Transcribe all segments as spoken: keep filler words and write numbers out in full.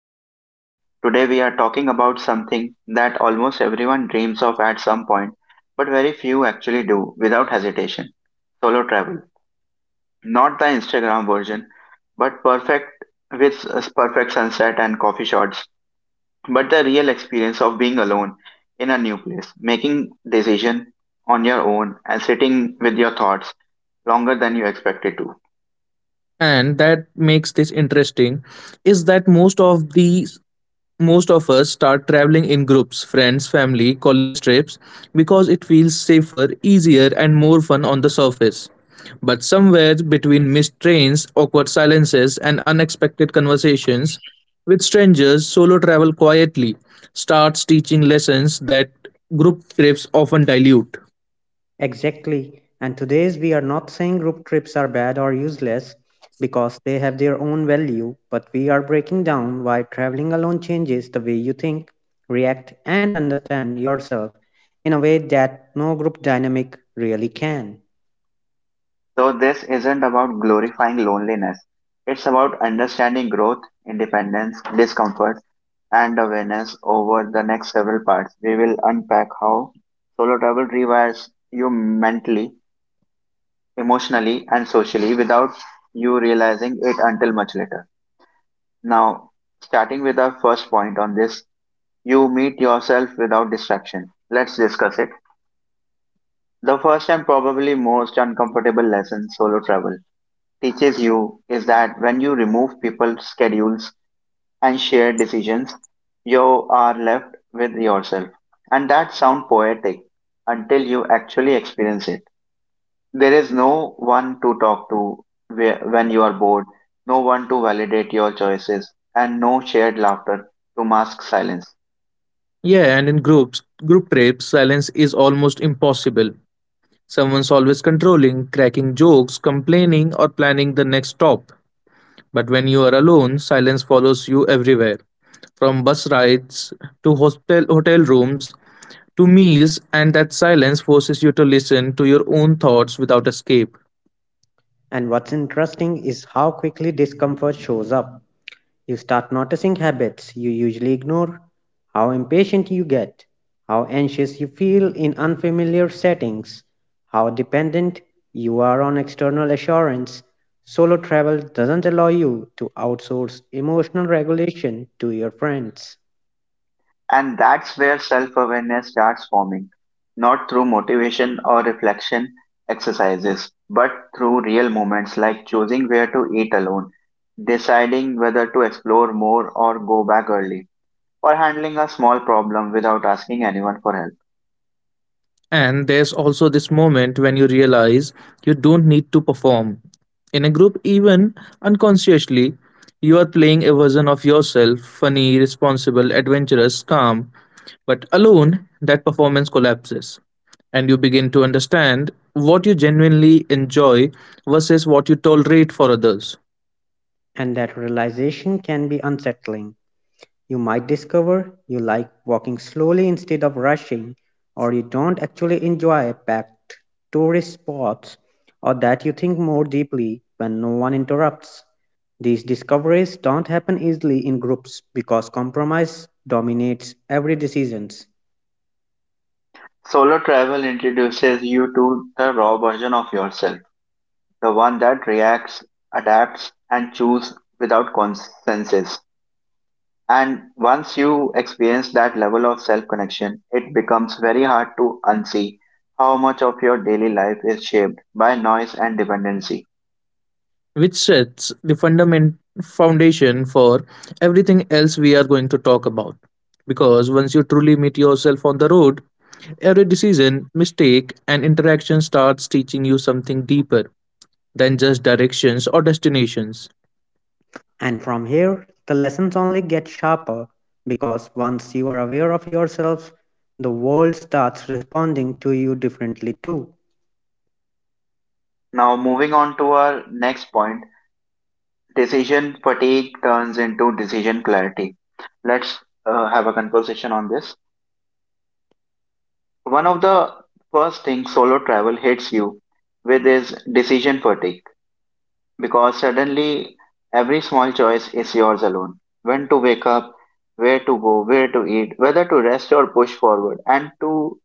Everyone. Today we are talking about something that almost everyone dreams of at some point, but very few actually do without hesitation, solo travel. Not the Instagram version, but perfect with s- perfect sunset and coffee shots, but the real experience of being alone in a new place, making decision on your own and sitting with your thoughts longer than you expected to. And that makes this interesting is that most of these most of us start traveling in groups, friends, family, college trips, because it feels safer, easier, and more fun on the surface. But somewhere between missed trains, awkward silences, and unexpected conversations with strangers, solo travel quietly starts teaching lessons that group trips often dilute. Exactly. And today's we are not saying group trips are bad or useless because they have their own value, but we are breaking down why traveling alone changes the way you think, react, and understand yourself in a way that no group dynamic really can. So, this isn't about glorifying loneliness. It's about understanding growth, independence, discomfort, and awareness. Over the next several parts, we will unpack how solo travel rewires you mentally, emotionally, and socially without you realizing it until much later. Now, starting with our first point on this, you meet yourself without distraction. Let's discuss it. The first and probably most uncomfortable lesson solo travel teaches you is that when you remove people's schedules and shared decisions, you are left with yourself. And that sounds poetic until you actually experience it. There is no one to talk to whe- when you are bored, no one to validate your choices, and no shared laughter to mask silence. Yeah, and in groups group trips, silence is almost impossible. Someone's always controlling, cracking jokes, complaining, or planning the next stop. But when you are alone, silence follows you everywhere, from bus rides to hotel hotel rooms to meals, and that silence forces you to listen to your own thoughts without escape. And what's interesting is how quickly discomfort shows up. You start noticing habits you usually ignore, how impatient you get, how anxious you feel in unfamiliar settings, how dependent you are on external assurance. Solo travel doesn't allow you to outsource emotional regulation to your friends, And that's where self awareness starts forming, not through motivation or reflection exercises, but through real moments like choosing where to eat alone, deciding whether to explore more or go back early, or handling a small problem without asking anyone for help. And there's also this moment when you realize you don't need to perform. In a group, even unconsciously, you are playing a version of yourself, funny, responsible, adventurous, calm. But alone, that performance collapses. And you begin to understand what you genuinely enjoy versus what you tolerate for others, and that realization can be unsettling. You might discover you like walking slowly instead of rushing, or you don't actually enjoy packed tourist spots, or that you think more deeply when no one interrupts. These discoveries don't happen easily in groups because compromise dominates every decisions. Solo travel introduces you to the raw version of yourself, the one that reacts, adapts, and chooses without consensus. And once you experience that level of self connection, it becomes very hard to unsee how much of your daily life is shaped by noise and dependency. which sets the fundament foundation for everything else we are going to talk about. Because once you truly meet yourself on the road, every decision, mistake, and interaction starts teaching you something deeper than just directions or destinations. And from here, the lessons only get sharper because once you are aware of yourself, the world starts responding to you differently too. Now, moving on to our next point, decision fatigue turns into decision clarity. Let's uh, have a conversation on this. One of the first things solo travel hits you with is decision fatigue, because suddenly every small choice is yours alone. When to wake up, where to go, where to eat, whether to rest or push forward. And to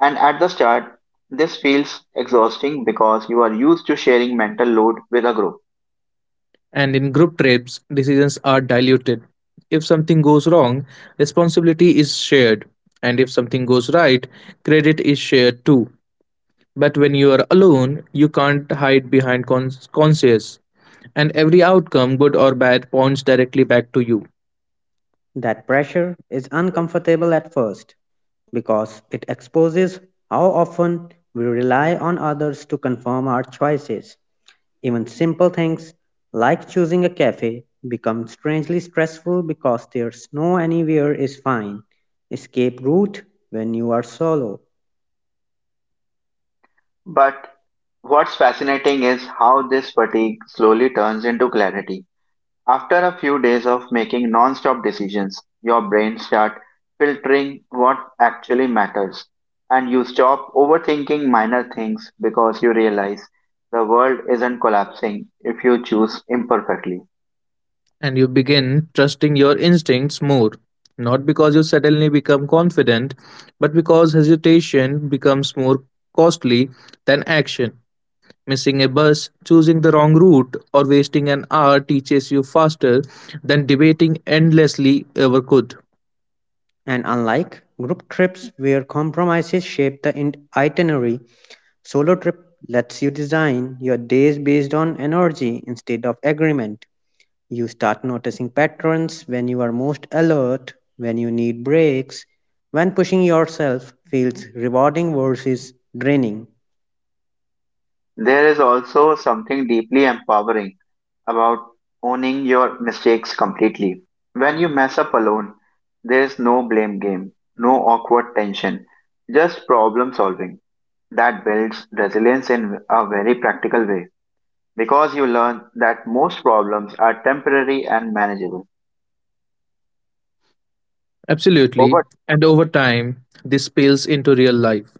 and at the start, this feels exhausting because you are used to sharing mental load with a group. And in group trips, decisions are diluted. If something goes wrong, responsibility is shared. And if something goes right, credit is shared too. But when you are alone, you can't hide behind cons- conscience, and every outcome, good or bad, points directly back to you. That pressure is uncomfortable at first because it exposes how often we rely on others to confirm our choices. Even simple things like choosing a cafe become strangely stressful because there's no anywhere is fine escape route when you are solo. But what's fascinating is how this fatigue slowly turns into clarity. After a few days of making non-stop decisions, your brain starts filtering what actually matters, and you stop overthinking minor things because you realize the world isn't collapsing if you choose imperfectly. And you begin trusting your instincts more, not because you suddenly become confident, but because hesitation becomes more costly than action. Missing a bus, choosing the wrong route, or wasting an hour teaches you faster than debating endlessly ever could. And unlike group trips where compromises shape the in- itinerary, solo trip lets you design your days based on energy instead of agreement. You start noticing patterns when you are most alert, when you need breaks, when pushing yourself feels rewarding versus draining. There is also something deeply empowering about owning your mistakes completely. When you mess up alone, there is no blame game, no awkward tension, just problem solving. That builds resilience in a very practical way because you learn that most problems are temporary and manageable. Absolutely. Over And over time, this spills into real life.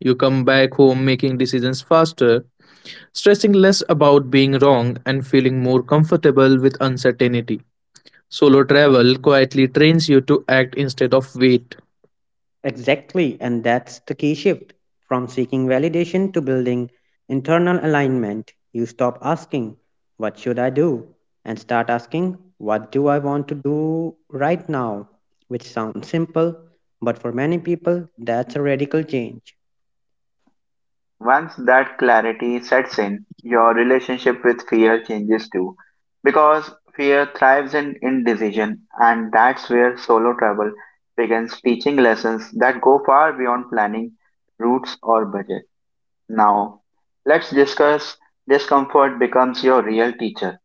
You come back home making decisions faster, stressing less about being wrong, and feeling more comfortable with uncertainty. Solo travel quietly trains you to act instead of wait. Exactly, and that's the key shift from seeking validation to building internal alignment. You stop asking, "What should I do?" and start asking, "What do I want to do right now?" Which sounds simple, but for many people, that's a radical change. Once that clarity sets in, your relationship with fear changes too. Because fear thrives in indecision, and that's where solo travel begins teaching lessons that go far beyond planning, routes, or budget. Now, let's discuss discomfort becomes your real teacher.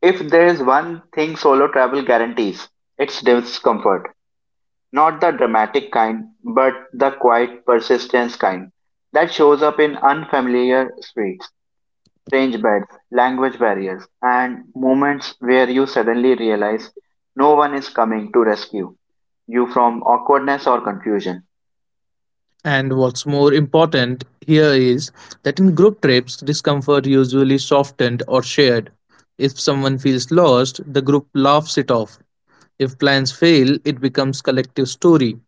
If there is one thing solo travel guarantees, it's discomfort, not the dramatic kind, but the quiet persistence kind that shows up in unfamiliar streets, strange beds, language barriers, and moments where you suddenly realize no one is coming to rescue you from awkwardness or confusion. And what's more important here is that in group trips, discomfort usually softened or shared. If someone feels lost, the group laughs it off. If plans fail, it becomes collective story.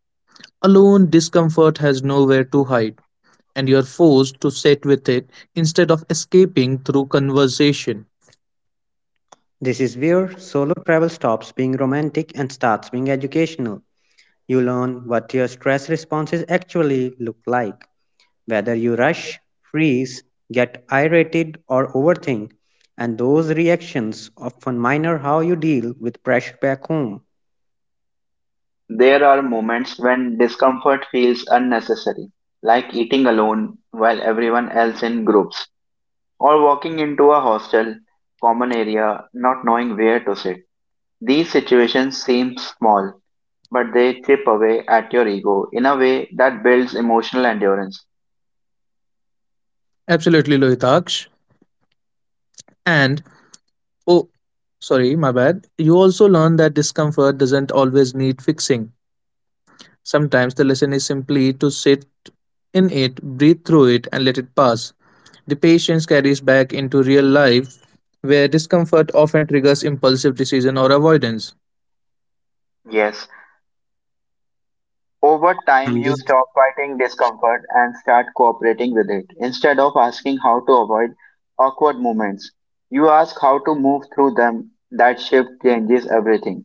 Alone, discomfort has nowhere to hide, and you're forced to sit with it instead of escaping through conversation. This is where solo travel stops being romantic and starts being educational. You learn what your stress responses actually look like, whether you rush, freeze, get irritated, or overthink, and those reactions often minor how you deal with pressure back home. There are moments when discomfort feels unnecessary, like eating alone while everyone else in groups, or walking into a hostel, common area, not knowing where to sit. These situations seem small, but they chip away at your ego in a way that builds emotional endurance. Absolutely, Lohitaksh. And Oh, sorry, my bad. You also learn that discomfort doesn't always need fixing. Sometimes the lesson is simply to sit in it, breathe through it, and let it pass. The patience carries back into real life, where discomfort often triggers impulsive decision or avoidance, Yes, over time And you this, stop fighting discomfort and start cooperating with it. Instead of asking how to avoid awkward moments, you ask how to move through them. That shift changes everything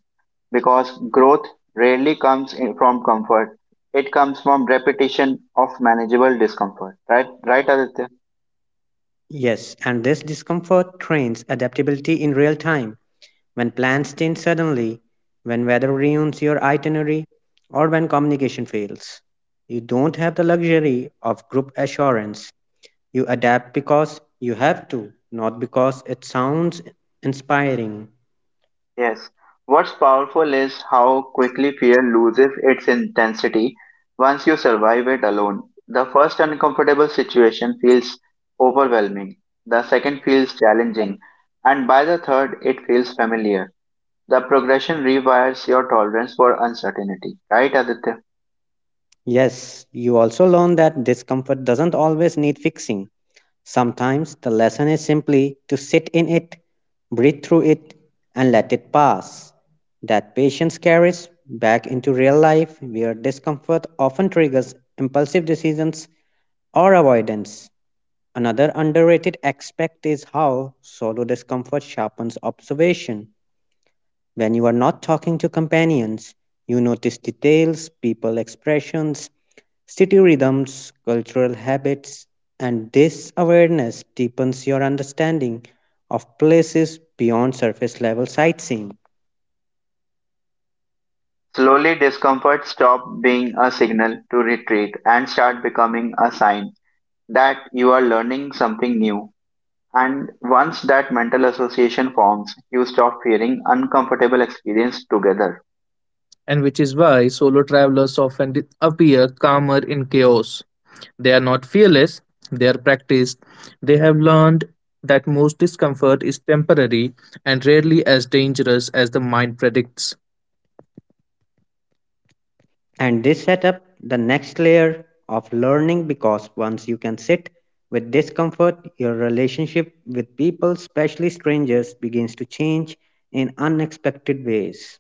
because growth rarely comes in from comfort. It comes from repetition of manageable discomfort. Right, right, Aditya? yes, and this discomfort trains adaptability in real time. When plans change suddenly, when weather ruins your itinerary, or when communication fails, you don't have the luxury of group assurance. You adapt because you have to, not because it sounds inspiring. Yes. What's powerful is how quickly fear loses its intensity once you survive it alone. The first uncomfortable situation feels overwhelming, the second feels challenging, and by the third, it feels familiar. The progression rewires your tolerance for uncertainty, right, Aditya? Yes, you also learn that discomfort doesn't always need fixing. Sometimes the lesson is simply to sit in it, breathe through it, and let it pass. That patience carries back into real life where discomfort often triggers impulsive decisions or avoidance. Another underrated aspect is how solo discomfort sharpens observation. When you are not talking to companions, you notice details, people expressions, city rhythms, cultural habits, and this awareness deepens your understanding of places beyond surface level sightseeing. Slowly, discomfort stops being a signal to retreat and start becoming a sign that you are learning something new. And once that mental association forms, you stop fearing uncomfortable experience together. and which is why solo travelers often di- appear calmer in chaos. They are not fearless, they are practiced. They have learned that most discomfort is temporary and rarely as dangerous as the mind predicts. And this set up the next layer of learning because once you can sit with discomfort, your relationship with people, especially strangers, begins to change in unexpected ways.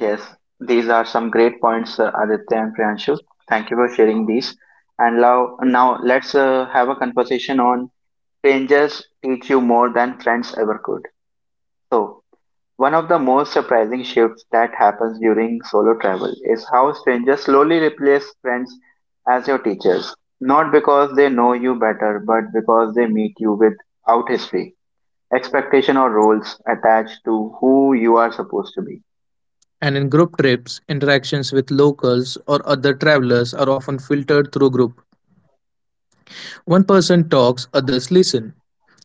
Yes, these are some great points, uh, Aditya and Priyanshu. Thank you for sharing these. And now, now let's uh, have a conversation on strangers teach you more than friends ever could. So, one of the most surprising shifts that happens during solo travel is how strangers slowly replace friends as your teachers. Not because they know you better, but because they meet you without history, expectation, or roles attached to who you are supposed to be. And in group trips, interactions with locals or other travelers are often filtered through group. One person talks, others listen,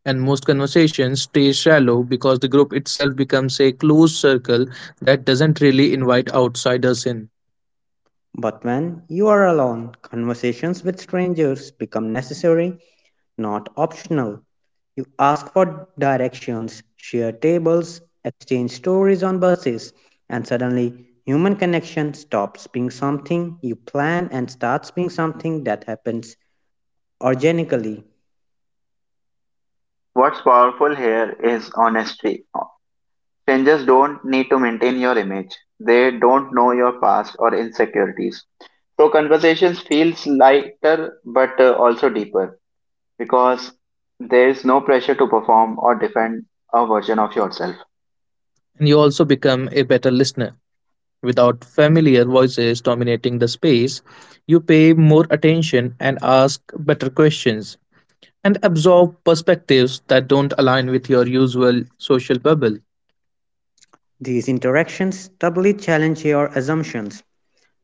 and most conversations stay shallow because the group itself becomes a closed circle that doesn't really invite outsiders in. But when you are alone, conversations with strangers become necessary not optional. You ask for directions, share tables, exchange stories on buses, and suddenly human connection stops being something you plan and starts being something that happens organically. What's powerful here is honesty. Strangers don't need to maintain your image. They don't know your past or insecurities. So conversations feels lighter but uh, also deeper because there is no pressure to perform or defend a version of yourself. And you also become a better listener. Without familiar voices dominating the space, you pay more attention and ask better questions and absorb perspectives that don't align with your usual social bubble. These interactions doubly challenge your assumptions.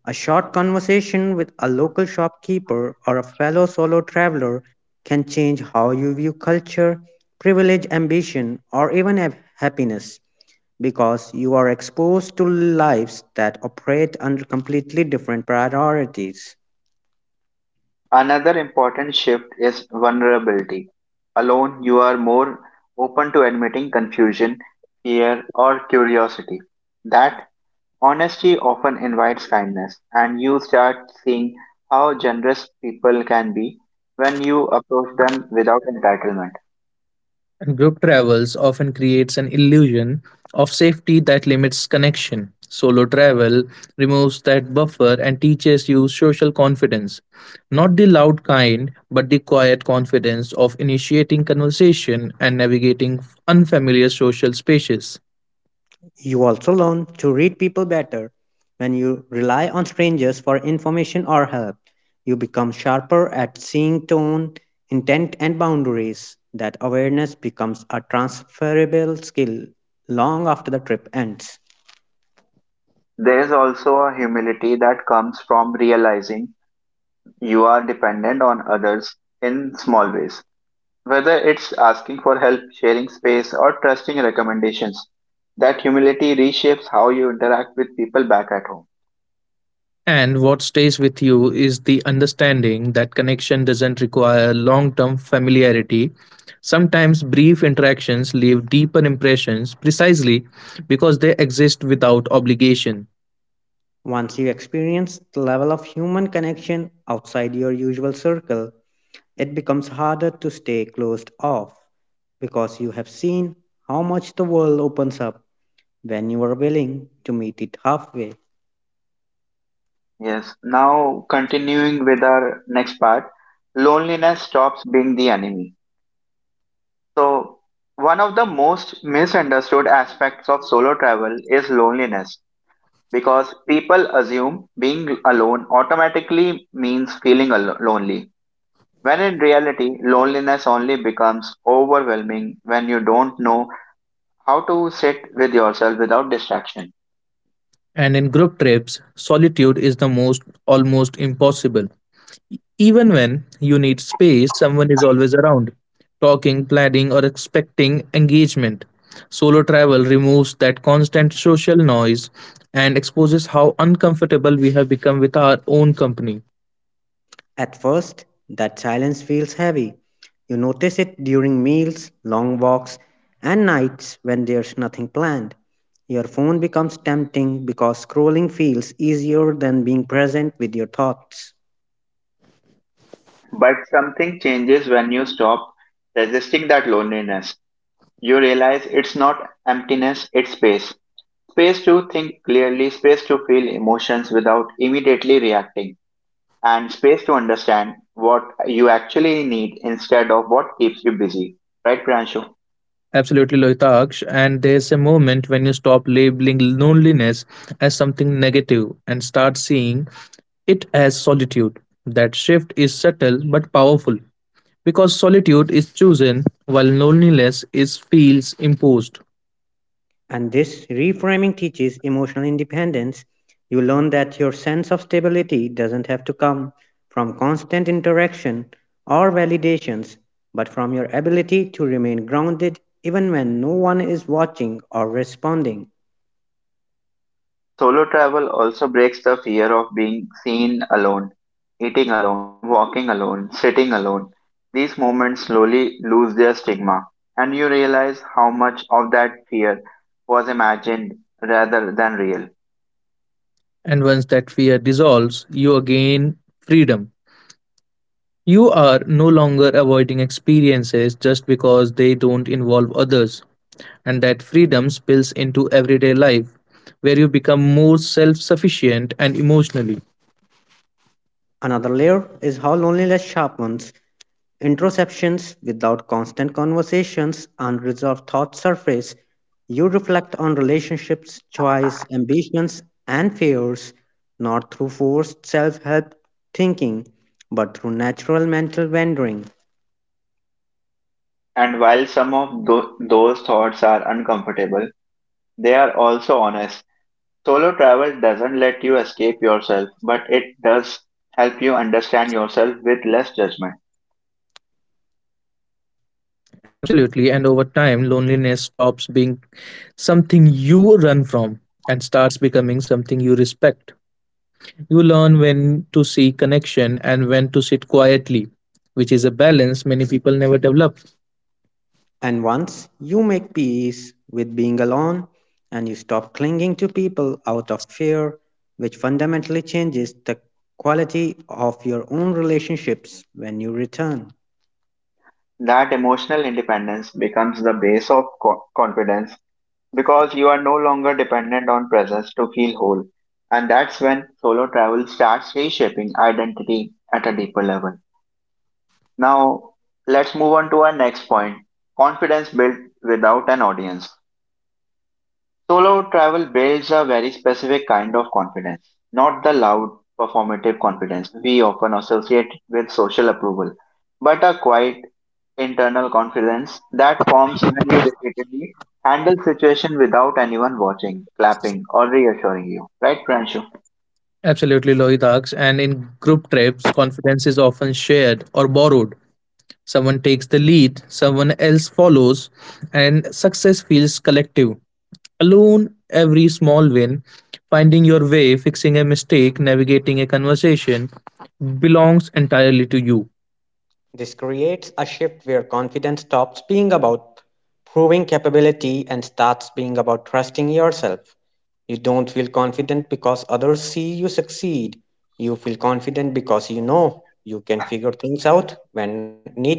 A short conversation with a local shopkeeper or a fellow solo traveler can change how you view culture, privilege, ambition, or even happiness, because you are exposed to lives that operate under completely different priorities. Another important shift is vulnerability. Alone, you are more open to admitting confusion, fear, or curiosity. That honesty often invites kindness, and you start seeing how generous people can be when you approach them without entitlement. And group travels often creates an illusion of safety that limits connection. Solo travel removes that buffer and teaches you social confidence. Not the loud kind, but the quiet confidence of initiating conversation and navigating unfamiliar social spaces. You also learn to read people better when you rely on strangers for information or help. You become sharper at seeing tone, intent, and boundaries. That awareness becomes a transferable skill long after the trip ends. There is also a humility that comes from realizing you are dependent on others in small ways. Whether it's asking for help, sharing space, or trusting recommendations, that humility reshapes how you interact with people back at home. And what stays with you is the understanding that connection doesn't require long term familiarity. Sometimes brief interactions leave deeper impressions precisely because they exist without obligation. Once you experience the level of human connection outside your usual circle, it becomes harder to stay closed off because you have seen how much the world opens up when you are willing to meet it halfway. Yes. Now, continuing with our next part, loneliness stops being the enemy. So, one of the most misunderstood aspects of solo travel is loneliness, because people assume being alone automatically means feeling al- lonely, when in reality, loneliness only becomes overwhelming when you don't know how to sit with yourself without distraction. And in group trips, solitude is the most almost impossible. Even when you need space, someone is always around, talking, planning, or expecting engagement. Solo travel removes that constant social noise and exposes how uncomfortable we have become with our own company. At first, that silence feels heavy. You notice it during meals, long walks, and nights when there's nothing planned. Your phone becomes tempting because scrolling feels easier than being present with your thoughts. But something changes when you stop resisting that loneliness. You realize it's not emptiness, it's space. Space to think clearly, space to feel emotions without immediately reacting, and space to understand what you actually need instead of what keeps you busy. Right, Pranshu? Absolutely, Loitaksh. And there's a moment when you stop labeling loneliness as something negative and start seeing it as solitude. That shift is subtle but powerful. Because solitude is chosen while loneliness is feels imposed. And this reframing teaches emotional independence. You learn that your sense of stability doesn't have to come from constant interaction or validations, but from your ability to remain grounded even when no one is watching or responding. Solo travel also breaks the fear of being seen alone, eating alone, walking alone, sitting alone. These moments slowly lose their stigma, and you realize how much of that fear was imagined rather than real. And once that fear dissolves, you again freedom. You are no longer avoiding experiences just because they don't involve others. And that freedom spills into everyday life, where you become more self sufficient and emotionally. Another layer is how loneliness sharpens introspections. Without constant conversations, unresolved thoughts surface. You reflect on relationships, choice, ambitions, and fears, not through forced self help thinking, but through natural mental wandering. And while some of tho- those thoughts are uncomfortable, they are also honest. Solo travel doesn't let you escape yourself, but it does help you understand yourself with less judgment. Absolutely. And over time, loneliness stops being something you run from and starts becoming something you respect. You learn when to seek connection and when to sit quietly, which is a balance many people never develop. And once you make peace with being alone and you stop clinging to people out of fear, which fundamentally changes the quality of your own relationships when you return. That emotional independence becomes the base of co- confidence because you are no longer dependent on presence to feel whole. And that's when solo travel starts reshaping identity at a deeper level. Now, let's move on to our next point, confidence built without an audience. Solo travel builds a very specific kind of confidence, not the loud, performative confidence we often associate with social approval, but a quiet internal confidence that forms when you repeatedly handle situation without anyone watching, clapping, or reassuring you. Right, Pranshu? Absolutely, Lohit asks. And in group trips, confidence is often shared or borrowed. Someone takes the lead, someone else follows, and success feels collective. Alone, every small win, finding your way, fixing a mistake, navigating a conversation, belongs entirely to you. This creates a shift where confidence stops being about proving capability and starts being about trusting yourself. You don't feel confident because others see you succeed. You feel confident because you know you can figure things out when needed.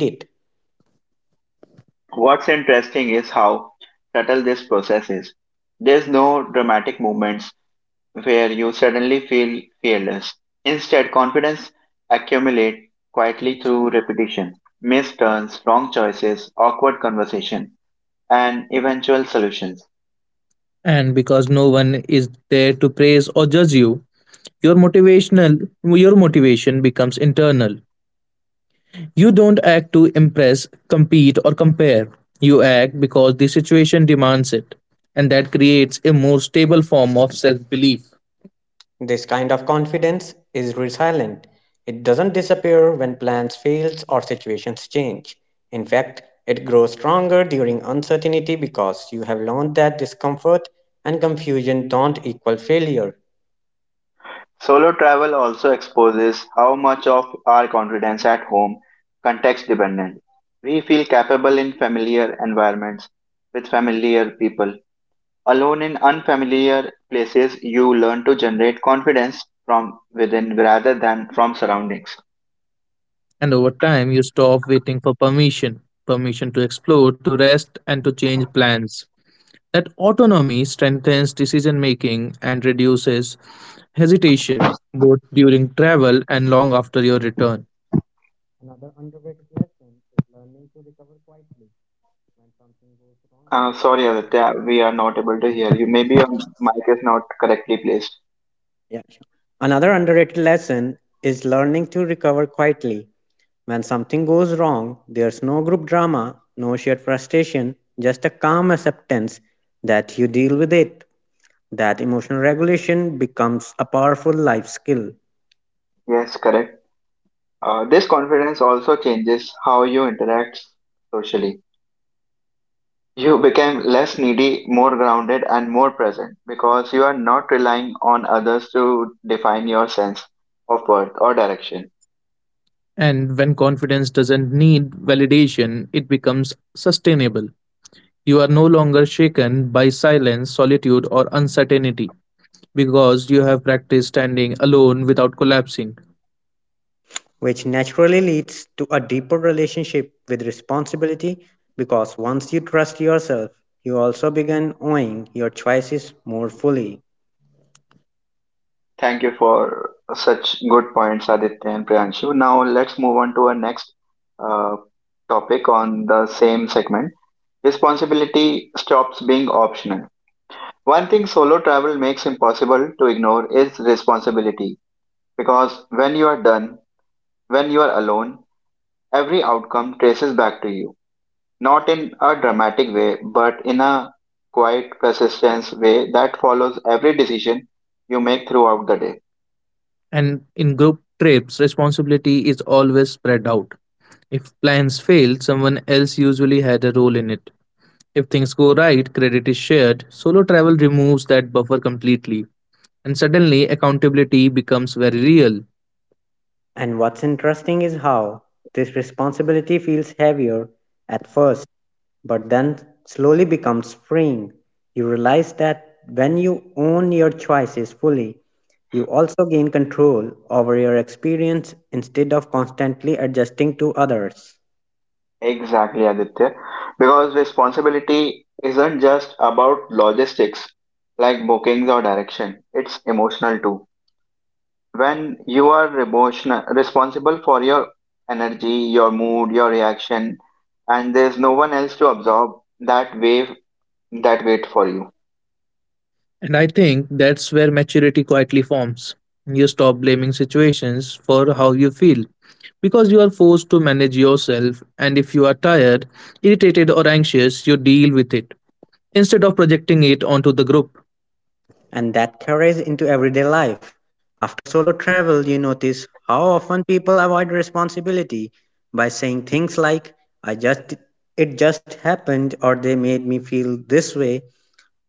What's interesting is how subtle this process is. There's no dramatic movements, where you suddenly feel fearless. Instead, confidence accumulates quietly through repetition, missed turns, wrong choices, awkward conversation, and eventual solutions. And because no one is there to praise or judge you, Your motivational your motivation becomes internal. You don't act to impress, compete or compare. You act because the situation demands it, and that creates a more stable form of self-belief. This kind of confidence is resilient. It doesn't disappear when plans fail or situations change. In fact, it grows stronger during uncertainty because you have learned that discomfort and confusion don't equal failure. Solo travel also exposes how much of our confidence at home context dependent. We feel capable in familiar environments with familiar people. Alone in unfamiliar places, you learn to generate confidence from within rather than from surroundings. And over time you stop waiting for permission, permission to explore, to rest and to change plans. That autonomy strengthens decision making and reduces hesitation both during travel and long after your return. Another underrated lesson is learning to recover quietly. Uh, sorry, Aditya, we are not able to hear you. Maybe your mic is not correctly placed. Yeah, sure. Another underrated lesson is learning to recover quietly. When something goes wrong, there's no group drama, no shared frustration, just a calm acceptance that you deal with it. That emotional regulation becomes a powerful life skill, Yes, correct. Uh, this confidence also changes how you interact socially. You become less needy, more grounded, and more present because you are not relying on others to define your sense of worth or direction. And when confidence doesn't need validation, it becomes sustainable. You are no longer shaken by silence, solitude, or uncertainty because you have practiced standing alone without collapsing. which naturally leads to a deeper relationship with responsibility because once you trust yourself, you also begin owning your choices more fully. Thank you for such good points, Aditya and Priyanshu. Now let's move on to our next uh, topic on the same segment. Responsibility stops being optional. One thing solo travel makes impossible to ignore is responsibility, because when you are done, when you are alone, every outcome traces back to you. Not in a dramatic way, but in a quiet, persistence way that follows every decision you make throughout the day. And in group trips, responsibility is always spread out. If plans fail, someone else usually had a role in it. If things go right, credit is shared. Solo travel removes that buffer completely. And suddenly, accountability becomes very real. And what's interesting is how this responsibility feels heavier at first but then slowly becomes freeing. You realize that when you own your choices fully, you also gain control over your experience instead of constantly adjusting to others. Exactly, Aditya. Because responsibility isn't just about logistics like bookings or direction, it's emotional too. When you are emotional, responsible for your energy, your mood, your reaction, and there's no one else to absorb that wave that wait for you. And I think that's where maturity quietly forms. You stop blaming situations for how you feel because you are forced to manage yourself, and if you are tired, irritated, or anxious, you deal with it instead of projecting it onto the group. And that carries into everyday life. After solo travel, you notice how often people avoid responsibility by saying things like, "I just, it just happened," or "they made me feel this way."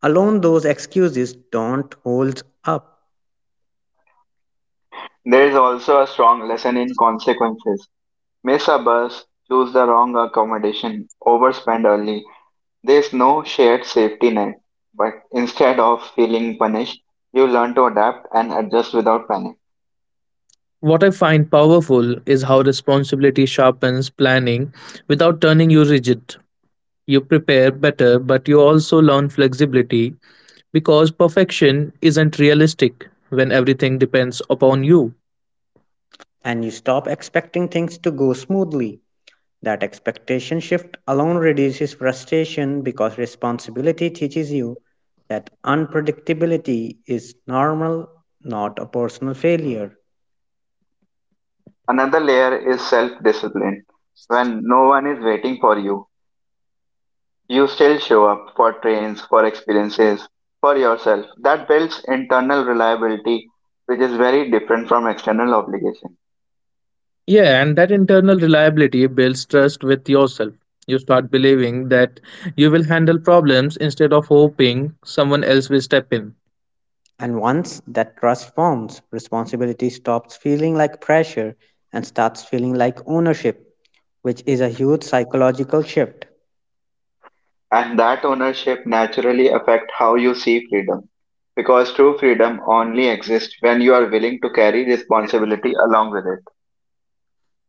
Alone, those excuses don't hold up. There is also a strong lesson in consequences. Miss a bus, choose the wrong accommodation, overspend early. There's no shared safety net, but instead of feeling punished, you learn to adapt and adjust without panic. What I find powerful is how responsibility sharpens planning without turning you rigid. You prepare better, but you also learn flexibility because perfection isn't realistic when everything depends upon you. And you stop expecting things to go smoothly. That expectation shift alone reduces frustration because responsibility teaches you that unpredictability is normal, not a personal failure. Another layer is self discipline. When no one is waiting for you, you still show up for trains, for experiences, for yourself. That builds internal reliability, which is very different from external obligation. Yeah, and that internal reliability builds trust with yourself. You start believing that you will handle problems instead of hoping someone else will step in. And once that trust forms, responsibility stops feeling like pressure and starts feeling like ownership, which is a huge psychological shift. And that ownership naturally affect how you see freedom. Because true freedom only exists when you are willing to carry responsibility along with it.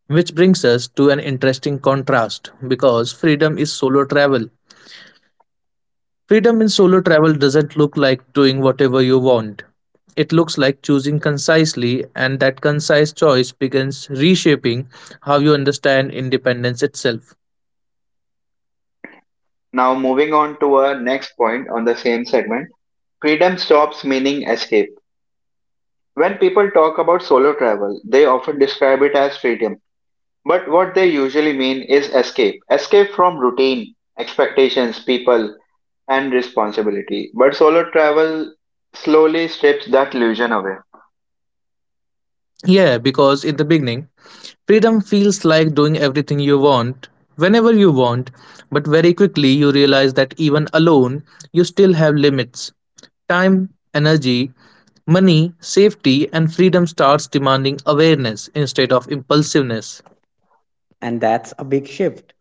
Which brings us to an interesting contrast because freedom is solo travel. Freedom in solo travel doesn't look like doing whatever you want. It looks like choosing concisely, and that concise choice begins reshaping how you understand independence itself. Now, moving on to our next point on the same segment, freedom stops meaning escape. When people talk about solo travel, they often describe it as freedom. But what they usually mean is escape, escape from routine, expectations, people, and responsibility. But solo travel slowly strips that illusion away. Yeah, because in the beginning, freedom feels like doing everything you want, whenever you want, but very quickly you realize that even alone, you still have limits. Time, energy, money, safety, and freedom starts demanding awareness instead of impulsiveness. And that's a big shift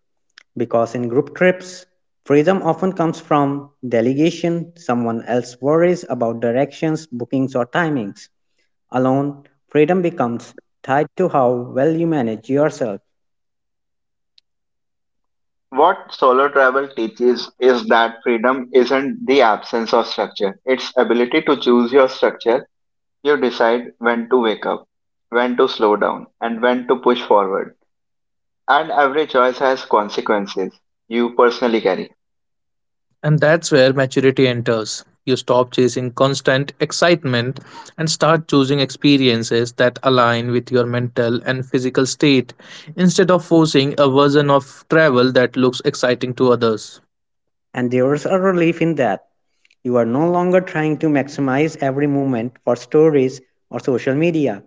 because in group trips, freedom often comes from delegation, someone else worries about directions, bookings, or timings. Alone, freedom becomes tied to how well you manage yourself. What solo travel teaches is that freedom isn't the absence of structure, it's ability to choose your structure. You decide when to wake up, when to slow down, and when to push forward. And every choice has consequences you personally carry. And that's where maturity enters. You stop chasing constant excitement and start choosing experiences that align with your mental and physical state instead of forcing a version of travel that looks exciting to others, And there's a relief in that. You are no longer trying to maximize every moment for stories or social media.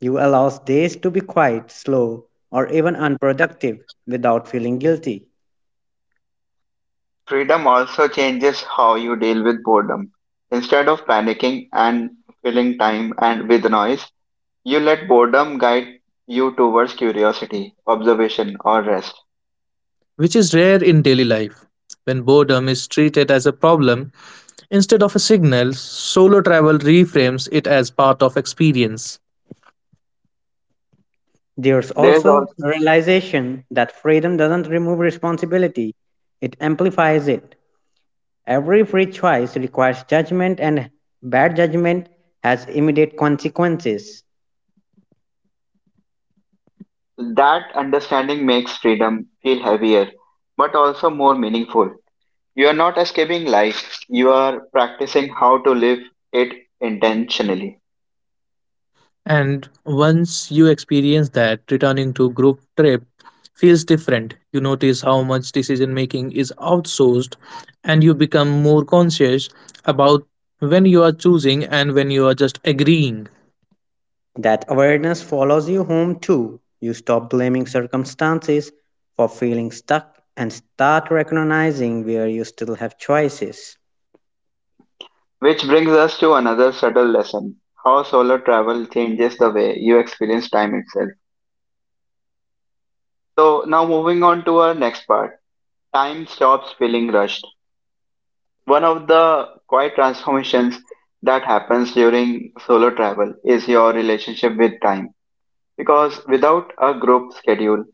You allow days to be quiet, slow, or even unproductive without feeling guilty. Freedom also changes how you deal with boredom. Instead of panicking and filling time and with noise, you let boredom guide you towards curiosity, observation, or rest. which is rare in daily life. When boredom is treated as a problem instead of a signal, solo travel reframes it as part of experience. There's There's all also the realization that freedom doesn't remove responsibility, it amplifies it. Every free choice requires judgment, and bad judgment has immediate consequences. that understanding makes freedom feel heavier, but also more meaningful. You are not escaping life; you are practicing how to live it intentionally. And once you experience that, returning to group trip feels different. You notice how much decision making is outsourced and you become more conscious about when you are choosing and when you are just agreeing. That awareness follows you home too. You stop blaming circumstances for feeling stuck and start recognizing where you still have choices. Which brings us to another subtle lesson: how solo travel changes the way you experience time itself. So now moving on to our next part. Time stops feeling rushed. One of the quiet transformations that happens during solo travel is your relationship with time. Because without a group schedule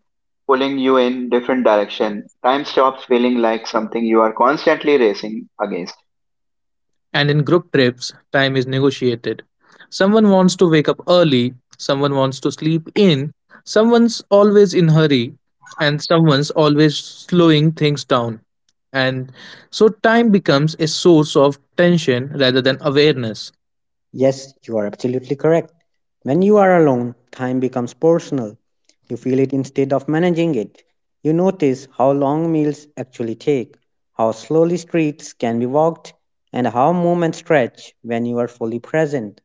pulling you in different direction, time stops feeling like something you are constantly racing against. And in group trips, time is negotiated. Someone wants to wake up early, someone wants to sleep in, someone's always in hurry, and someone's always slowing things down. And so time becomes a source of tension rather than awareness. Yes, you are absolutely correct. When you are alone, time becomes personal. You feel it instead of managing it. You notice how long meals actually take, how slowly streets can be walked, and how moments stretch when you are fully present.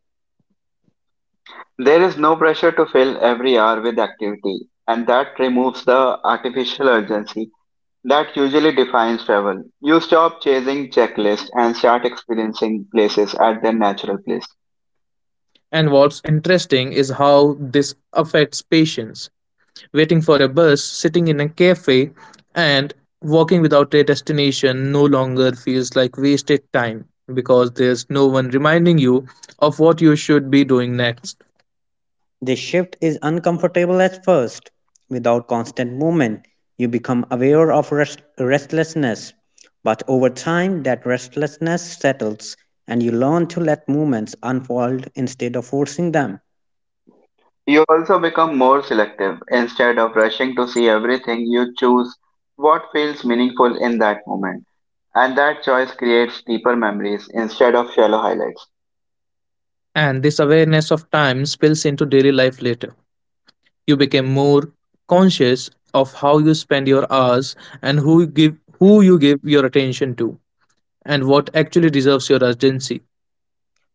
There is no pressure to fill every hour with activity, and that removes the artificial urgency that usually defines travel. You stop chasing checklists and start experiencing places at their natural place. And what's interesting is how this affects patients. Waiting for a bus, sitting in a cafe, and walking without a destination no longer feels like wasted time because there's no one reminding you of what you should be doing next. This shift is uncomfortable at first. Without constant movement, you become aware of rest- restlessness. But over time, that restlessness settles, and you learn to let movements unfold instead of forcing them. You also become more selective. Instead of rushing to see everything, you choose what feels meaningful in that moment. And that choice creates deeper memories instead of shallow highlights. And this awareness of time spills into daily life later. You become more conscious of how you spend your hours and who you give who you give your attention to and what actually deserves your urgency.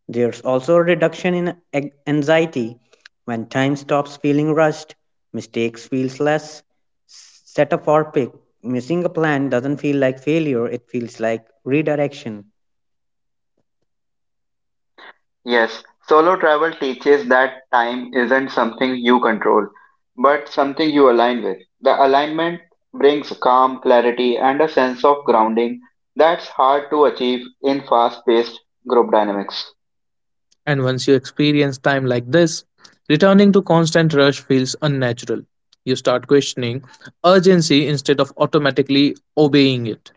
There's also a reduction in ag- anxiety. When time stops feeling rushed, mistakes feels less setaphobic. Missing a plan doesn't feel like failure, it feels like redirection, Yes, solo travel teaches that time isn't something you control, but something you align with. The alignment brings calm, clarity, and a sense of grounding that's hard to achieve in fast paced group dynamics, And once you experience time like this, returning to constant rush feels unnatural. You start questioning urgency instead of automatically obeying it.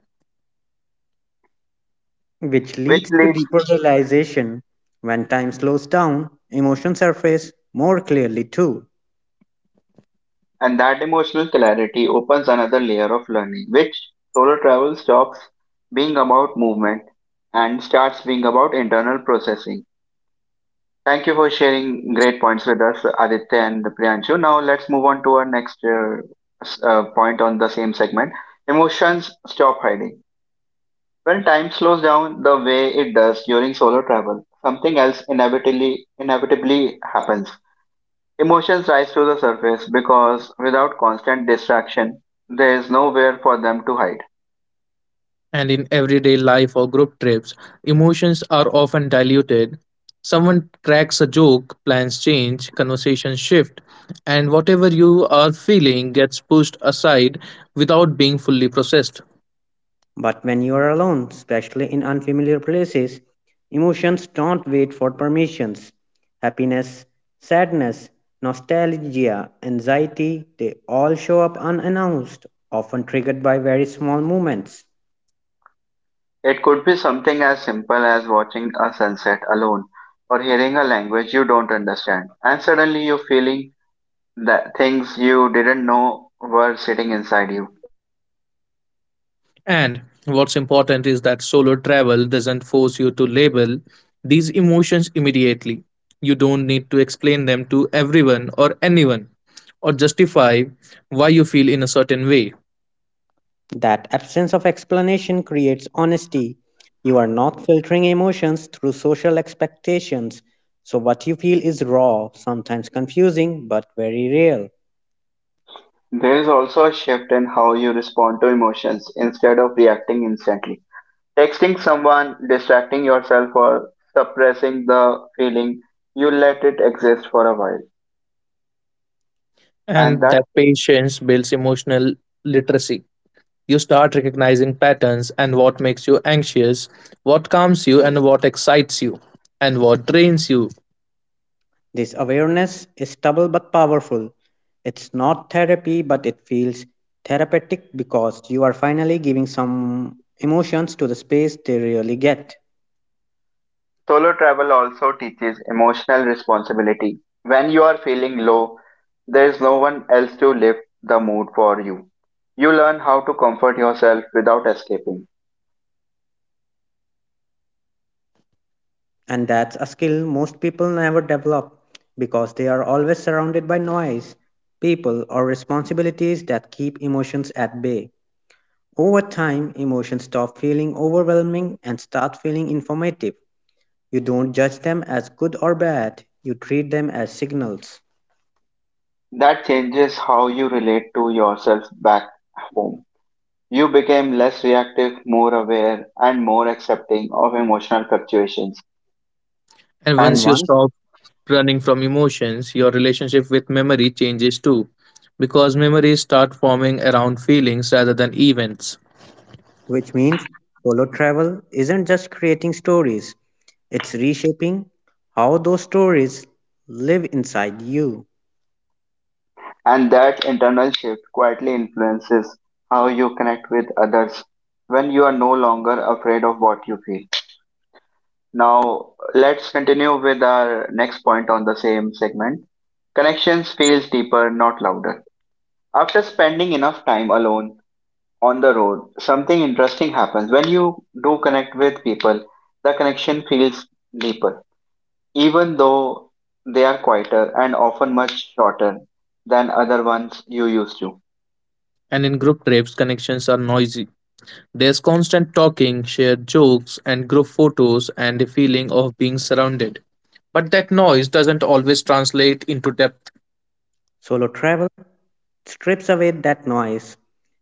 which which leads to leads deeper realization. When time slows down, emotions surface more clearly too. and that emotional clarity opens another layer of learning, which solo travel stops being about movement and starts being about internal processing. Thank you for sharing great points with us, Aditya and Priyanshu. Now let's move on to our next uh, s- uh, point on the same segment. Emotions stop hiding. When time slows down the way it does during solo travel, something else inevitably inevitably happens. Emotions rise to the surface because without constant distraction, there is nowhere for them to hide. And in everyday life or group trips, emotions are often diluted. Someone cracks a joke, plans change, conversations shift, and whatever you are feeling gets pushed aside without being fully processed. But when you are alone, especially in unfamiliar places, emotions don't wait for permissions. Happiness, sadness, nostalgia, anxiety, they all show up unannounced, often triggered by very small moments. It could be something as simple as watching a sunset alone or hearing a language you don't understand, and suddenly you're feeling the things you didn't know were sitting inside you. And what's important is that solo travel doesn't force you to label these emotions immediately. You don't need to explain them to everyone or anyone or justify why you feel in a certain way. That absence of explanation creates honesty. You are not filtering emotions through social expectations, so what you feel is raw, sometimes confusing, but very real. There is also a shift in how you respond to emotions instead of reacting instantly. Texting someone, distracting yourself, or suppressing the feeling, you let it exist for a while. And And that that patience builds emotional literacy. You start recognizing patterns and what makes you anxious, what calms you, and what excites you, and what drains you. This awareness is subtle but powerful. It's not therapy, but it feels therapeutic because you are finally giving some emotions to the space they really get. solo travel also teaches emotional responsibility. When you are feeling low, there is no one else to lift the mood for you. You learn how to comfort yourself without escaping. And that's a skill most people never develop because they are always surrounded by noise, people, or responsibilities that keep emotions at bay. Over time, emotions stop feeling overwhelming and start feeling informative. You don't judge them as good or bad, you treat them as signals. That changes how you relate to yourself back home. You became less reactive, more aware, and more accepting of emotional fluctuations. And And once And, you once stop running from emotions, your relationship with memory changes too, because memories start forming around feelings rather than events. which means solo travel isn't just creating stories, it's reshaping how those stories live inside you. and that internal shift quietly influences how you connect with others when you are no longer afraid of what you feel. Now, let's continue with our next point on the same segment. Connections feels deeper, not louder. After spending enough time alone, on the road, something interesting happens. When you do connect with people, the connection feels deeper, even though they are quieter and often much shorter than other ones you used to. And in group trips, connections are noisy. There's constant talking, shared jokes, and group photos, and a feeling of being surrounded. But that noise doesn't always translate into depth, Solo travel strips away that noise.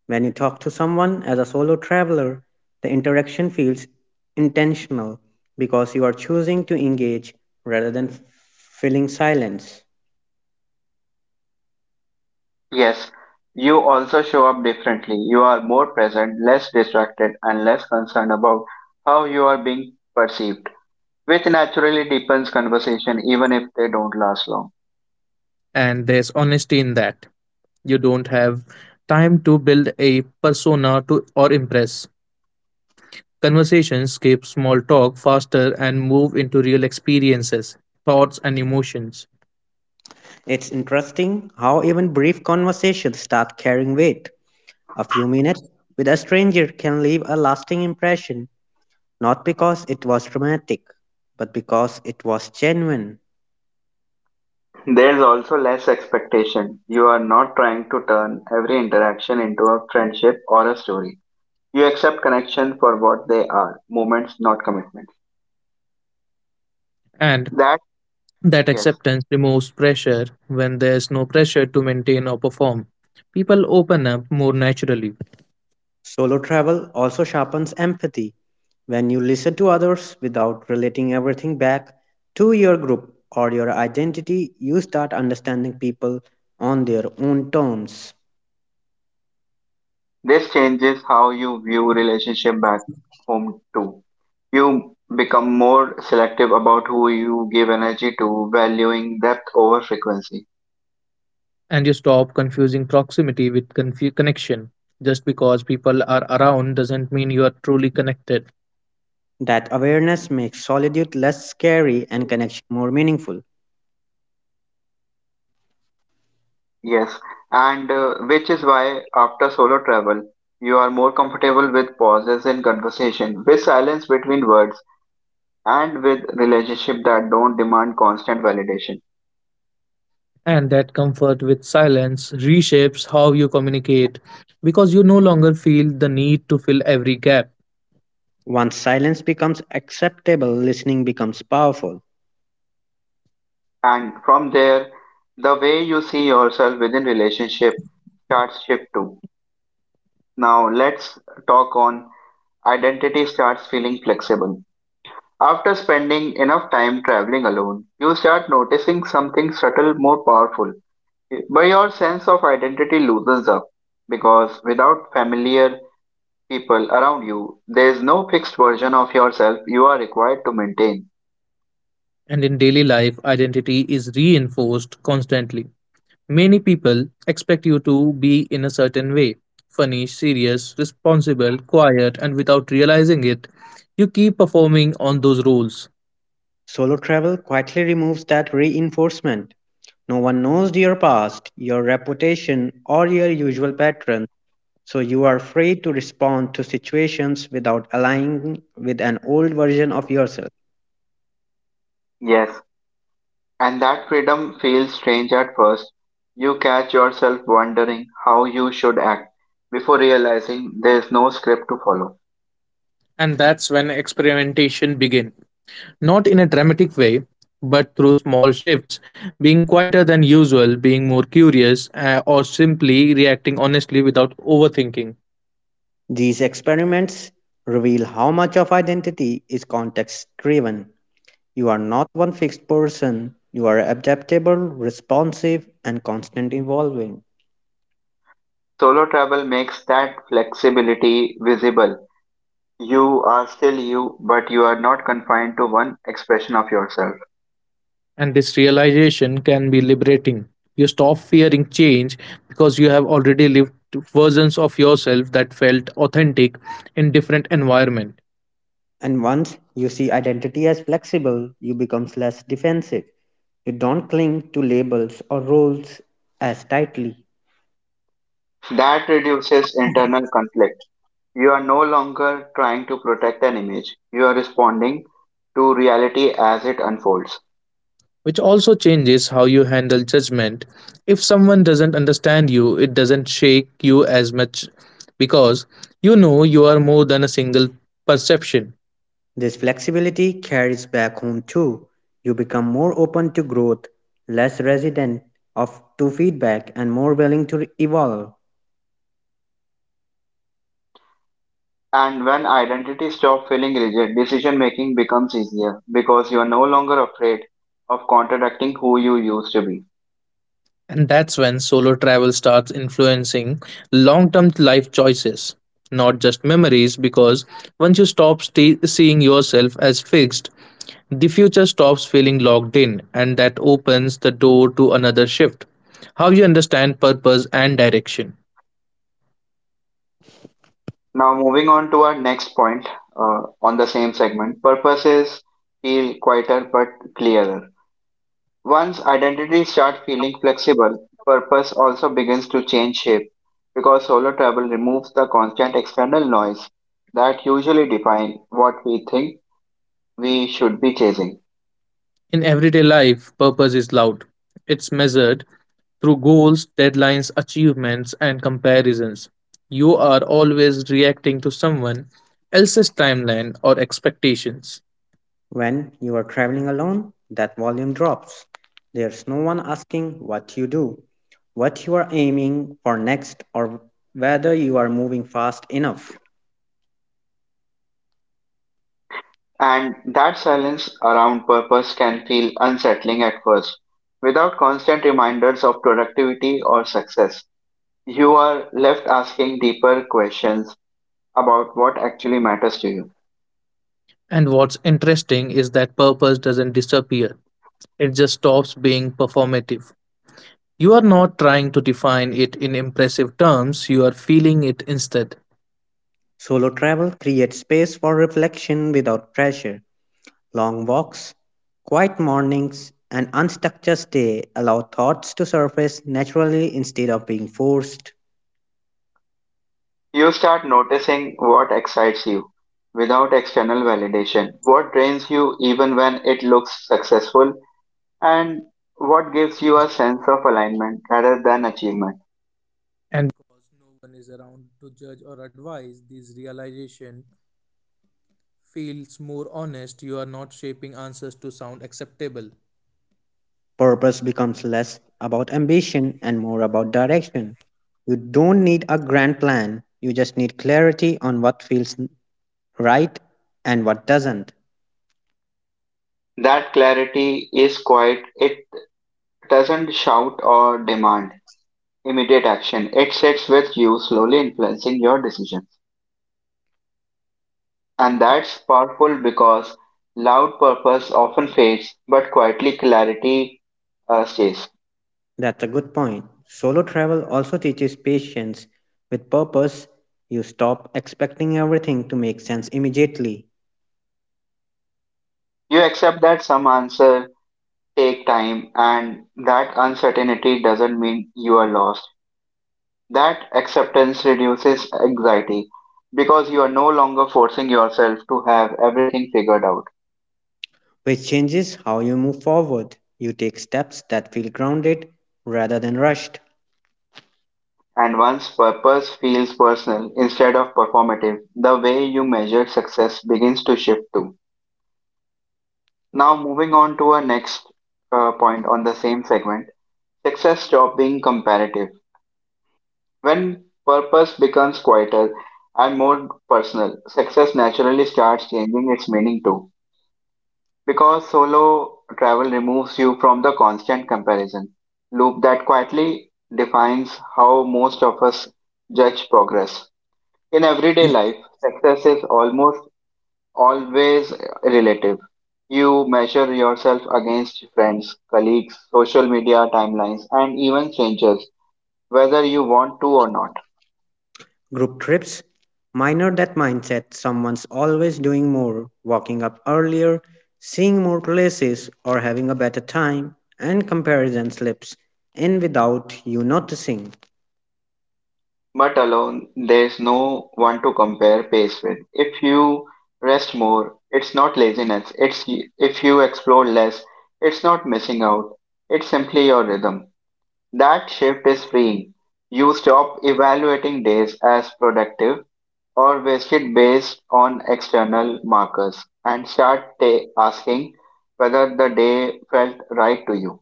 When you talk to someone as a solo traveler, the interaction feels intentional because you are choosing to engage rather than f- filling silence. Yes, you also show up differently. You are more present, less distracted, and less concerned about how you are being perceived, which naturally deepens conversation even if they don't last long. and there's honesty in that. You don't have time to build a persona to or impress. Conversations skip small talk faster and move into real experiences, thoughts, and emotions. It's interesting how even brief conversations start carrying weight. A few minutes with a stranger can leave a lasting impression, not because it was romantic, but because it was genuine. There's also less expectation. You are not trying to turn every interaction into a friendship or a story. You accept connection for what they are, moments, not commitments. And That, that yes, acceptance removes pressure when there's no pressure to maintain or perform. People open up more naturally, Solo travel also sharpens empathy. When you listen to others without relating everything back to your group or your identity, you start understanding people on their own terms. this changes how you view relationship back home too. You become more selective about who you give energy to, valuing depth over frequency. and you stop confusing proximity with confu- connection. Just because people are around doesn't mean you are truly connected. That awareness makes solitude less scary and connection more meaningful. Yes, and uh, which is why after solo travel, you are more comfortable with pauses in conversation, with silence between words and with relationships that don't demand constant validation. And that comfort with silence reshapes how you communicate because you no longer feel the need to fill every gap. Once silence becomes acceptable, listening becomes powerful. And from there, the way you see yourself within relationship starts shift too. Now let's talk on identity starts feeling flexible. After spending enough time traveling alone, you start noticing something subtle more powerful. But your sense of identity loosens up because without familiar people around you, there is no fixed version of yourself you are required to maintain. And in daily life, identity is reinforced constantly. Many people expect you to be in a certain way, funny, serious, responsible, quiet, and without realizing it, you keep performing on those roles. Solo travel quietly removes that reinforcement. No one knows your past, your reputation, or your usual patterns, so you are free to respond to situations without aligning with an old version of yourself. Yes, and that freedom feels strange at first. You catch yourself wondering how you should act before realizing there's no script to follow. And that's when experimentation begins. Not in a dramatic way, but through small shifts, being quieter than usual, being more curious, uh, or simply reacting honestly without overthinking. These experiments reveal how much of identity is context driven. You are not one fixed person, you are adaptable, responsive, and constantly evolving. Solo travel makes that flexibility visible. You are still you, but you are not confined to one expression of yourself. And this realization can be liberating. You stop fearing change because you have already lived versions of yourself that felt authentic in different environment, And once you see identity as flexible, you become less defensive. You don't cling to labels or roles as tightly. That reduces internal conflict. You are no longer trying to protect an image. You are responding to reality as it unfolds. which also changes how you handle judgment. If someone doesn't understand you, it doesn't shake you as much because you know you are more than a single perception. This flexibility carries back home too. You become more open to growth, less resident of to feedback and more willing to evolve. And when identity stops feeling rigid, decision making becomes easier because you are no longer afraid of contradicting who you used to be. And that's when solo travel starts influencing long term life choices, not just memories, because once you stop st- seeing yourself as fixed, the future stops feeling locked in, and that opens the door to another shift, how you understand purpose and direction. Now, moving on to our next point uh, on the same segment purposes feel quieter but clearer. Once identity starts feeling flexible, purpose also begins to change shape because solo travel removes the constant external noise that usually define what we think we should be chasing. In everyday life, purpose is loud. It's measured through goals, deadlines, achievements, and comparisons. You are always reacting to someone else's timeline or expectations. When you are traveling alone, that volume drops. There's no one asking what you do, what you are aiming for next or whether you are moving fast enough. And that silence around purpose can feel unsettling at first. Without constant reminders of productivity or success, you are left asking deeper questions about what actually matters to you. And what's interesting is that purpose doesn't disappear, it just stops being performative. You are not trying to define it in impressive terms, you are feeling it instead. Solo travel creates space for reflection without pressure. Long walks, quiet mornings, and unstructured day allow thoughts to surface naturally instead of being forced. You start noticing what excites you without external validation, what drains you even when it looks successful, and what gives you a sense of alignment rather than achievement. Purpose becomes less about ambition and more about direction. You don't need a grand plan, you just need clarity on what feels right and what doesn't. That clarity is quiet, it doesn't shout or demand. Immediate action. It sits with you, slowly influencing your decisions. And that's powerful because loud purpose often fades, but quietly clarity uh, stays. That's a good point. Solo travel also teaches patience. With purpose, you stop expecting everything to make sense immediately, You accept that some answer take time and that uncertainty doesn't mean you are lost. That acceptance reduces anxiety because you are no longer forcing yourself to have everything figured out. which changes how you move forward. You take steps that feel grounded rather than rushed. And one's purpose feels personal instead of performative. The way you measure success begins to shift too. Now, moving on to our next uh, point on the same segment success stop being comparative. When purpose becomes quieter and more personal, success naturally starts changing its meaning too. Because solo travel removes you from the constant comparison loop that quietly defines how most of us judge progress. In everyday life, success is almost always relative. You measure yourself against friends, colleagues, social media timelines, and even strangers, whether you want to or not. Group trips minor that mindset someone's always doing more, waking up earlier, seeing more places, or having a better time, and comparison slips in without you noticing. But alone, there's no one to compare pace with. If you rest more, it's not laziness. It's if you explore less, it's not missing out. It's simply your rhythm. That shift is freeing. You stop evaluating days as productive or wasted based on external markers and start ta- asking whether the day felt right to you.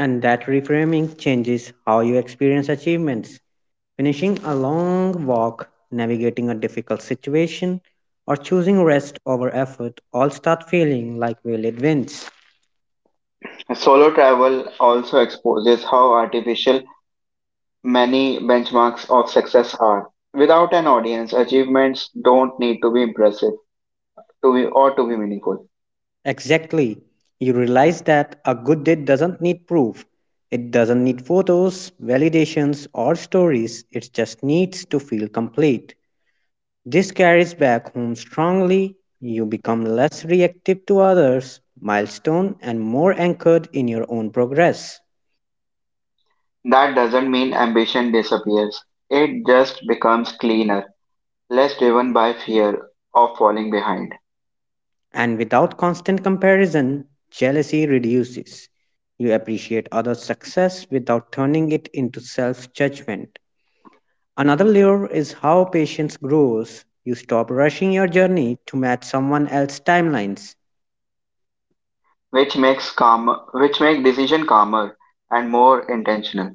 And that reframing changes how you experience achievements. Finishing a long walk, navigating a difficult situation, or choosing rest over effort all start feeling like valid wins. Solo travel also exposes how artificial many benchmarks of success are. Without an audience, achievements don't need to be impressive to be or to be meaningful. Exactly. You realize that a good deed doesn't need proof. It doesn't need photos, validations, or stories. It just needs to feel complete. This carries back home strongly. You become less reactive to others' milestone and more anchored in your own progress. That doesn't mean ambition disappears. It just becomes cleaner, less driven by fear of falling behind. And without constant comparison, jealousy reduces. You appreciate others' success without turning it into self judgment. Another layer is how patience grows. You stop rushing your journey to match someone else's timelines. Which makes calm, which make decision calmer and more intentional.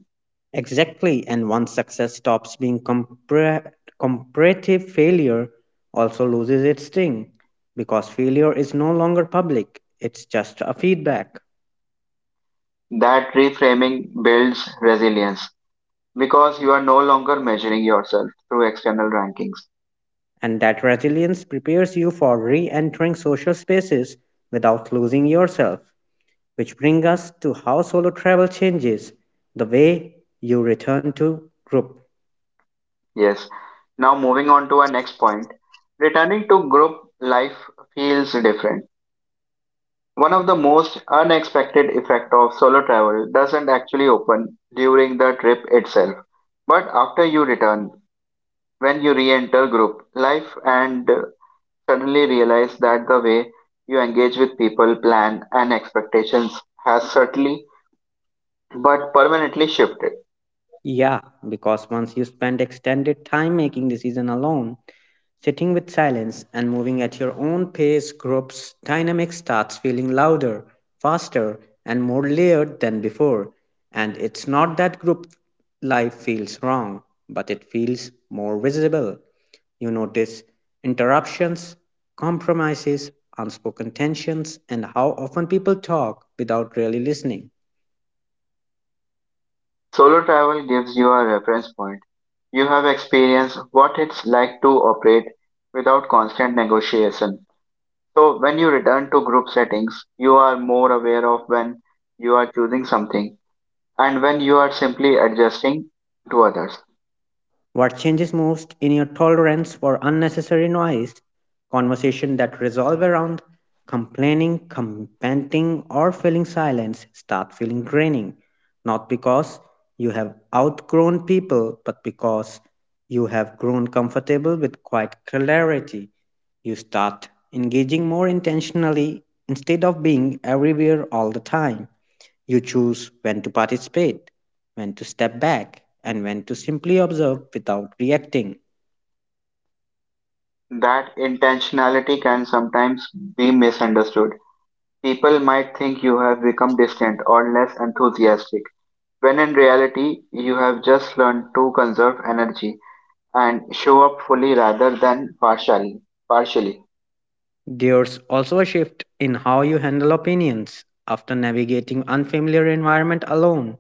Exactly, and once success stops being compar- comparative, failure also loses its sting because failure is no longer public, it's just a feedback. That reframing builds resilience because you are no longer measuring yourself through external rankings. And that resilience prepares you for re entering social spaces without losing yourself. Which brings us to how solo travel changes the way you return to group. Yes. Now moving on to our next point, returning to group life feels different. One of the most unexpected effect of solo travel doesn't actually open during the trip itself, but after you return, when you re-enter group life and suddenly realize that the way you engage with people, plan, and expectations has certainly but permanently shifted. Yeah, because once you spend extended time making decision alone, sitting with silence and moving at your own pace, group's dynamic starts feeling louder, faster, and more layered than before. And it's not that group life feels wrong, but it feels more visible. You notice interruptions, compromises, unspoken tensions, and how often people talk without really listening. Solo travel gives you a reference point. You have experienced what it's like to operate without constant negotiation. So, when you return to group settings, you are more aware of when you are choosing something and when you are simply adjusting to others. What changes most in your tolerance for unnecessary noise? Conversation that resolve around complaining, commenting, or feeling silence start feeling draining, not because you have outgrown people, but because you have grown comfortable with quiet clarity. You start engaging more intentionally instead of being everywhere all the time. You choose when to participate, when to step back, and when to simply observe without reacting. That intentionality can sometimes be misunderstood. People might think you have become distant or less enthusiastic, when in reality, you have just learned to conserve energy and show up fully rather than partially. partially. There's also a shift in how you handle opinions. After navigating unfamiliar environment alone,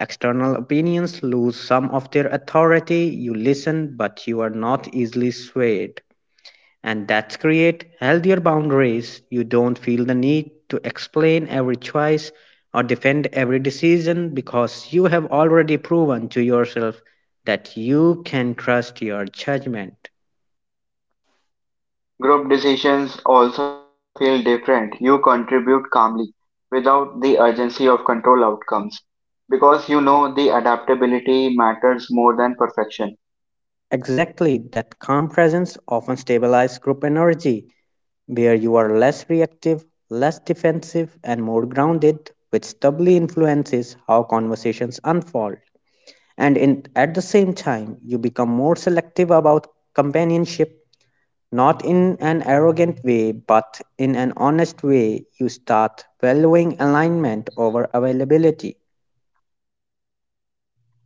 external opinions lose some of their authority. You listen, but you are not easily swayed. And that's create healthier boundaries. You don't feel the need to explain every choice or defend every decision because you have already proven to yourself that you can trust your judgment. Group decisions also feel different. You contribute calmly, without the urgency of control outcomes, because you know the adaptability matters more than perfection. Exactly, that calm presence often stabilizes group energy where you are less reactive, less defensive and more grounded, which doubly influences how conversations unfold. And in, at the same time you become more selective about companionship, not in an arrogant way but in an honest way. You start valuing alignment over availability.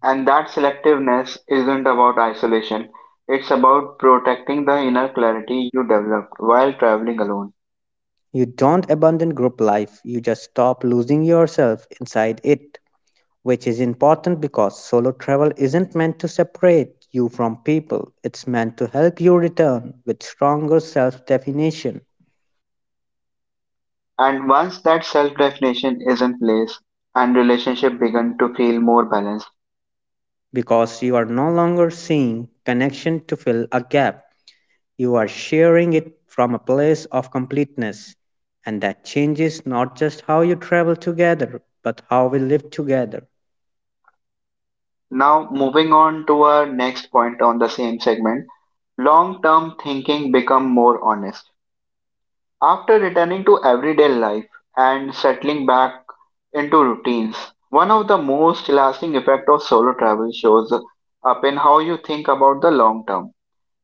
And that selectiveness isn't about isolation, it's about protecting the inner clarity you developed while traveling alone. You don't abandon group life, you just stop losing yourself inside it, which is important because solo travel isn't meant to separate you from people. It's meant to help you return with stronger self definition And once that self definition is in place and relationship begin to feel more balanced. because you are no longer seeing connection to fill a gap. You are sharing it from a place of completeness, and that changes not just how you travel together, but how we live together. Now moving on to our next point on the same segment, long term thinking become more honest. After returning to everyday life and settling back into routines, one of the most lasting effects of solo travel shows up in how you think about the long term.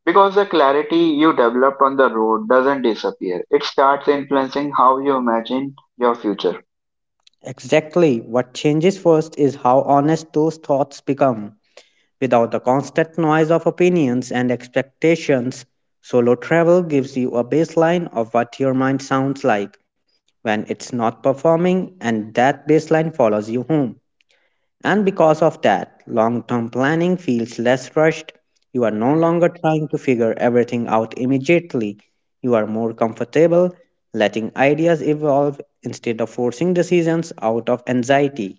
Because the clarity you developed on the road doesn't disappear, it starts influencing how you imagine your future. Exactly. What changes first is how honest those thoughts become. Without the constant noise of opinions and expectations, solo travel gives you a baseline of what your mind sounds like when it's not performing, and that baseline follows you home. And because of that, long term planning feels less rushed. You are no longer trying to figure everything out immediately. You are more comfortable letting ideas evolve instead of forcing decisions out of anxiety.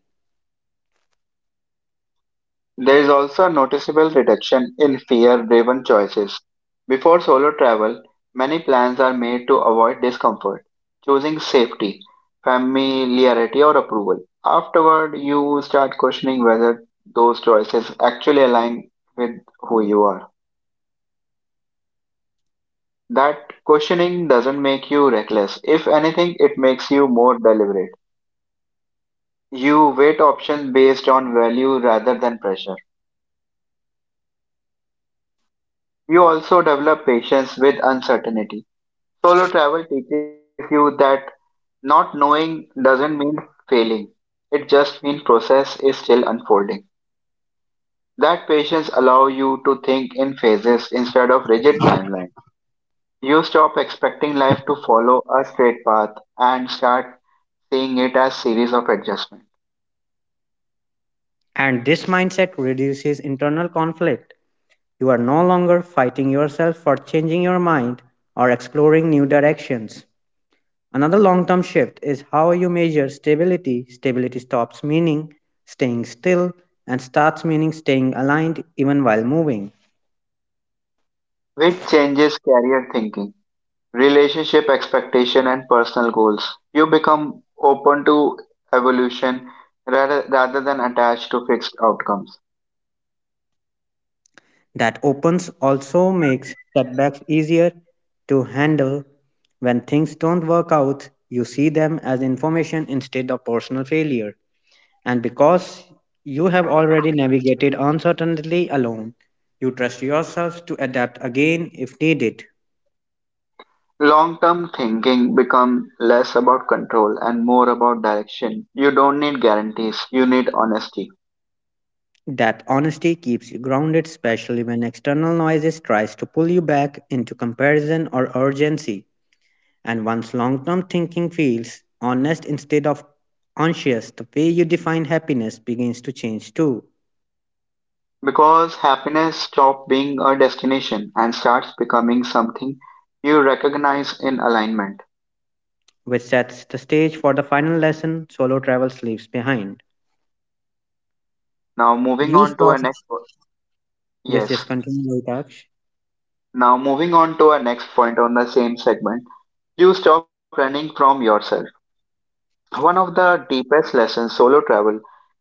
There is also a noticeable reduction in fear-driven choices. Before solo travel, many plans are made to avoid discomfort, choosing safety, familiarity, or approval. Afterward, you start questioning whether those choices actually align with who you are. That questioning doesn't make you reckless. If anything, it makes you more deliberate. You weight options based on value rather than pressure. You also develop patience with uncertainty. Solo travel teaches you that not knowing doesn't mean failing. It just means process is still unfolding. That patience allows you to think in phases instead of rigid timeline. You stop expecting life to follow a straight path and start seeing it as series of adjustments, And this mindset reduces internal conflict. You are no longer fighting yourself for changing your mind or exploring new directions. Another long term shift is how you measure stability. Stability stops meaning staying still and starts meaning staying aligned even while moving. which changes career thinking, relationship expectation and personal goals. You become open to evolution rather, rather than attached to fixed outcomes. That opens also makes setbacks easier to handle. When things don't work out, you see them as information instead of personal failure. And because you have already navigated uncertainty alone, you trust yourself to adapt again if needed. Long-term thinking become less about control and more about direction. You don't need guarantees, you need honesty. That honesty keeps you grounded, especially when external noises tries to pull you back into comparison or urgency. And once long-term thinking feels honest instead of conscious, the way you define happiness begins to change too, Because happiness stops being a destination and starts becoming something you recognize in alignment. which sets the stage for the final lesson solo travel leaves behind. Now moving You on to stop. our next po- Yes, yes, yes. continue, Aksh. Now moving on to our next point on the same segment. You stop running from yourself. One of the deepest lessons solo travel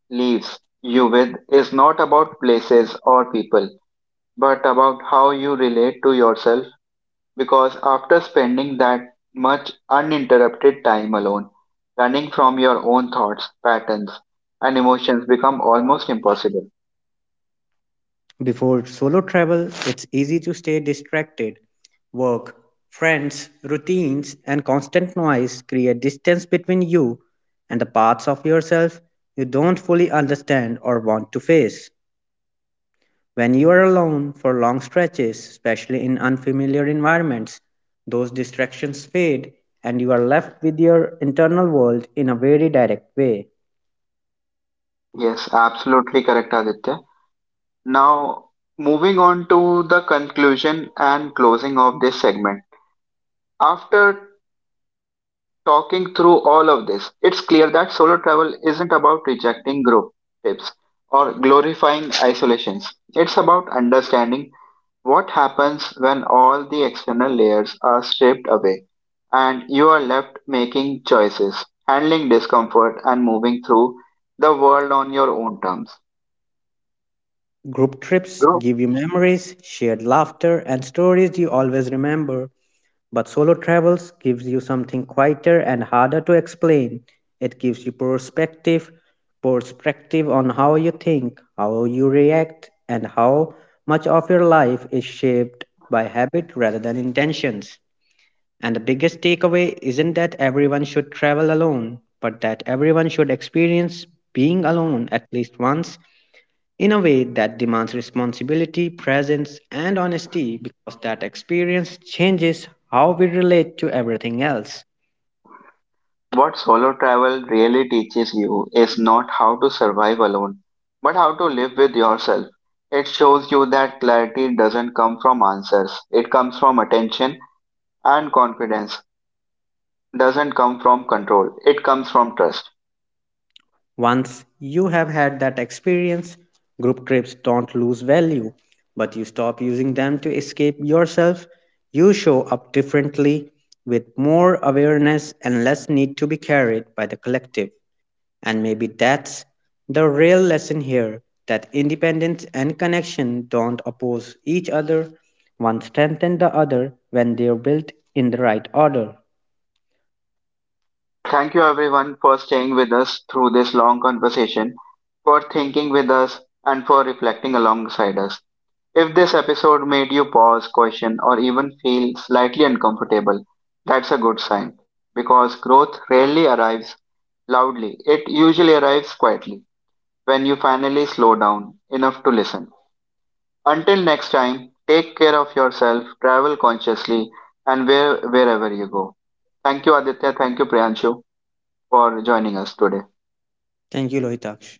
leaves you with is not about places or people, but about how you relate to yourself because after spending that much uninterrupted time alone, running from your own thoughts, patterns, and emotions become almost impossible. Before solo travel, it's easy to stay distracted. Work, friends, routines, and constant noise create distance between you and the parts of yourself you don't fully understand or want to face. When you are alone for long stretches, especially in unfamiliar environments, those distractions fade and you are left with your internal world in a very direct way. Yes, absolutely correct, Aditya. Now, moving on to the conclusion and closing of this segment. After talking through all of this, it's clear that solo travel isn't about rejecting group trips or glorifying isolations. It's about understanding what happens when all the external layers are stripped away and you are left making choices, handling discomfort, and moving through the world on your own terms. Group trips Group, give you memories, shared laughter, and stories you always remember. But solo travels gives you something quieter and harder to explain. It gives you perspective, perspective on how you think, how you react, and how much of your life is shaped by habit rather than intentions. And the biggest takeaway isn't that everyone should travel alone, but that everyone should experience being alone at least once in a way that demands responsibility, presence, and honesty because that experience changes how we relate to everything else. what solo travel really teaches you is not how to survive alone, but how to live with yourself. It shows you that clarity doesn't come from answers, it comes from attention and confidence, doesn't come from control, it comes from trust. Once you have had that experience, group trips don't lose value, but you stop using them to escape yourself. You show up differently with more awareness and less need to be carried by the collective. And maybe that's the real lesson here, that independence and connection don't oppose each other, one strengthens the other when they're built in the right order. Thank you everyone for staying with us through this long conversation, for thinking with us, and for reflecting alongside us. If this episode made you pause, question, or even feel slightly uncomfortable, that's a good sign because growth rarely arrives loudly, it usually arrives quietly when you finally slow down enough to listen. Until next time, take care of yourself, travel consciously, and where, wherever you go. Thank you, Aditya. Thank you, Priyanshu for joining us today. Thank you, Lohitaksh.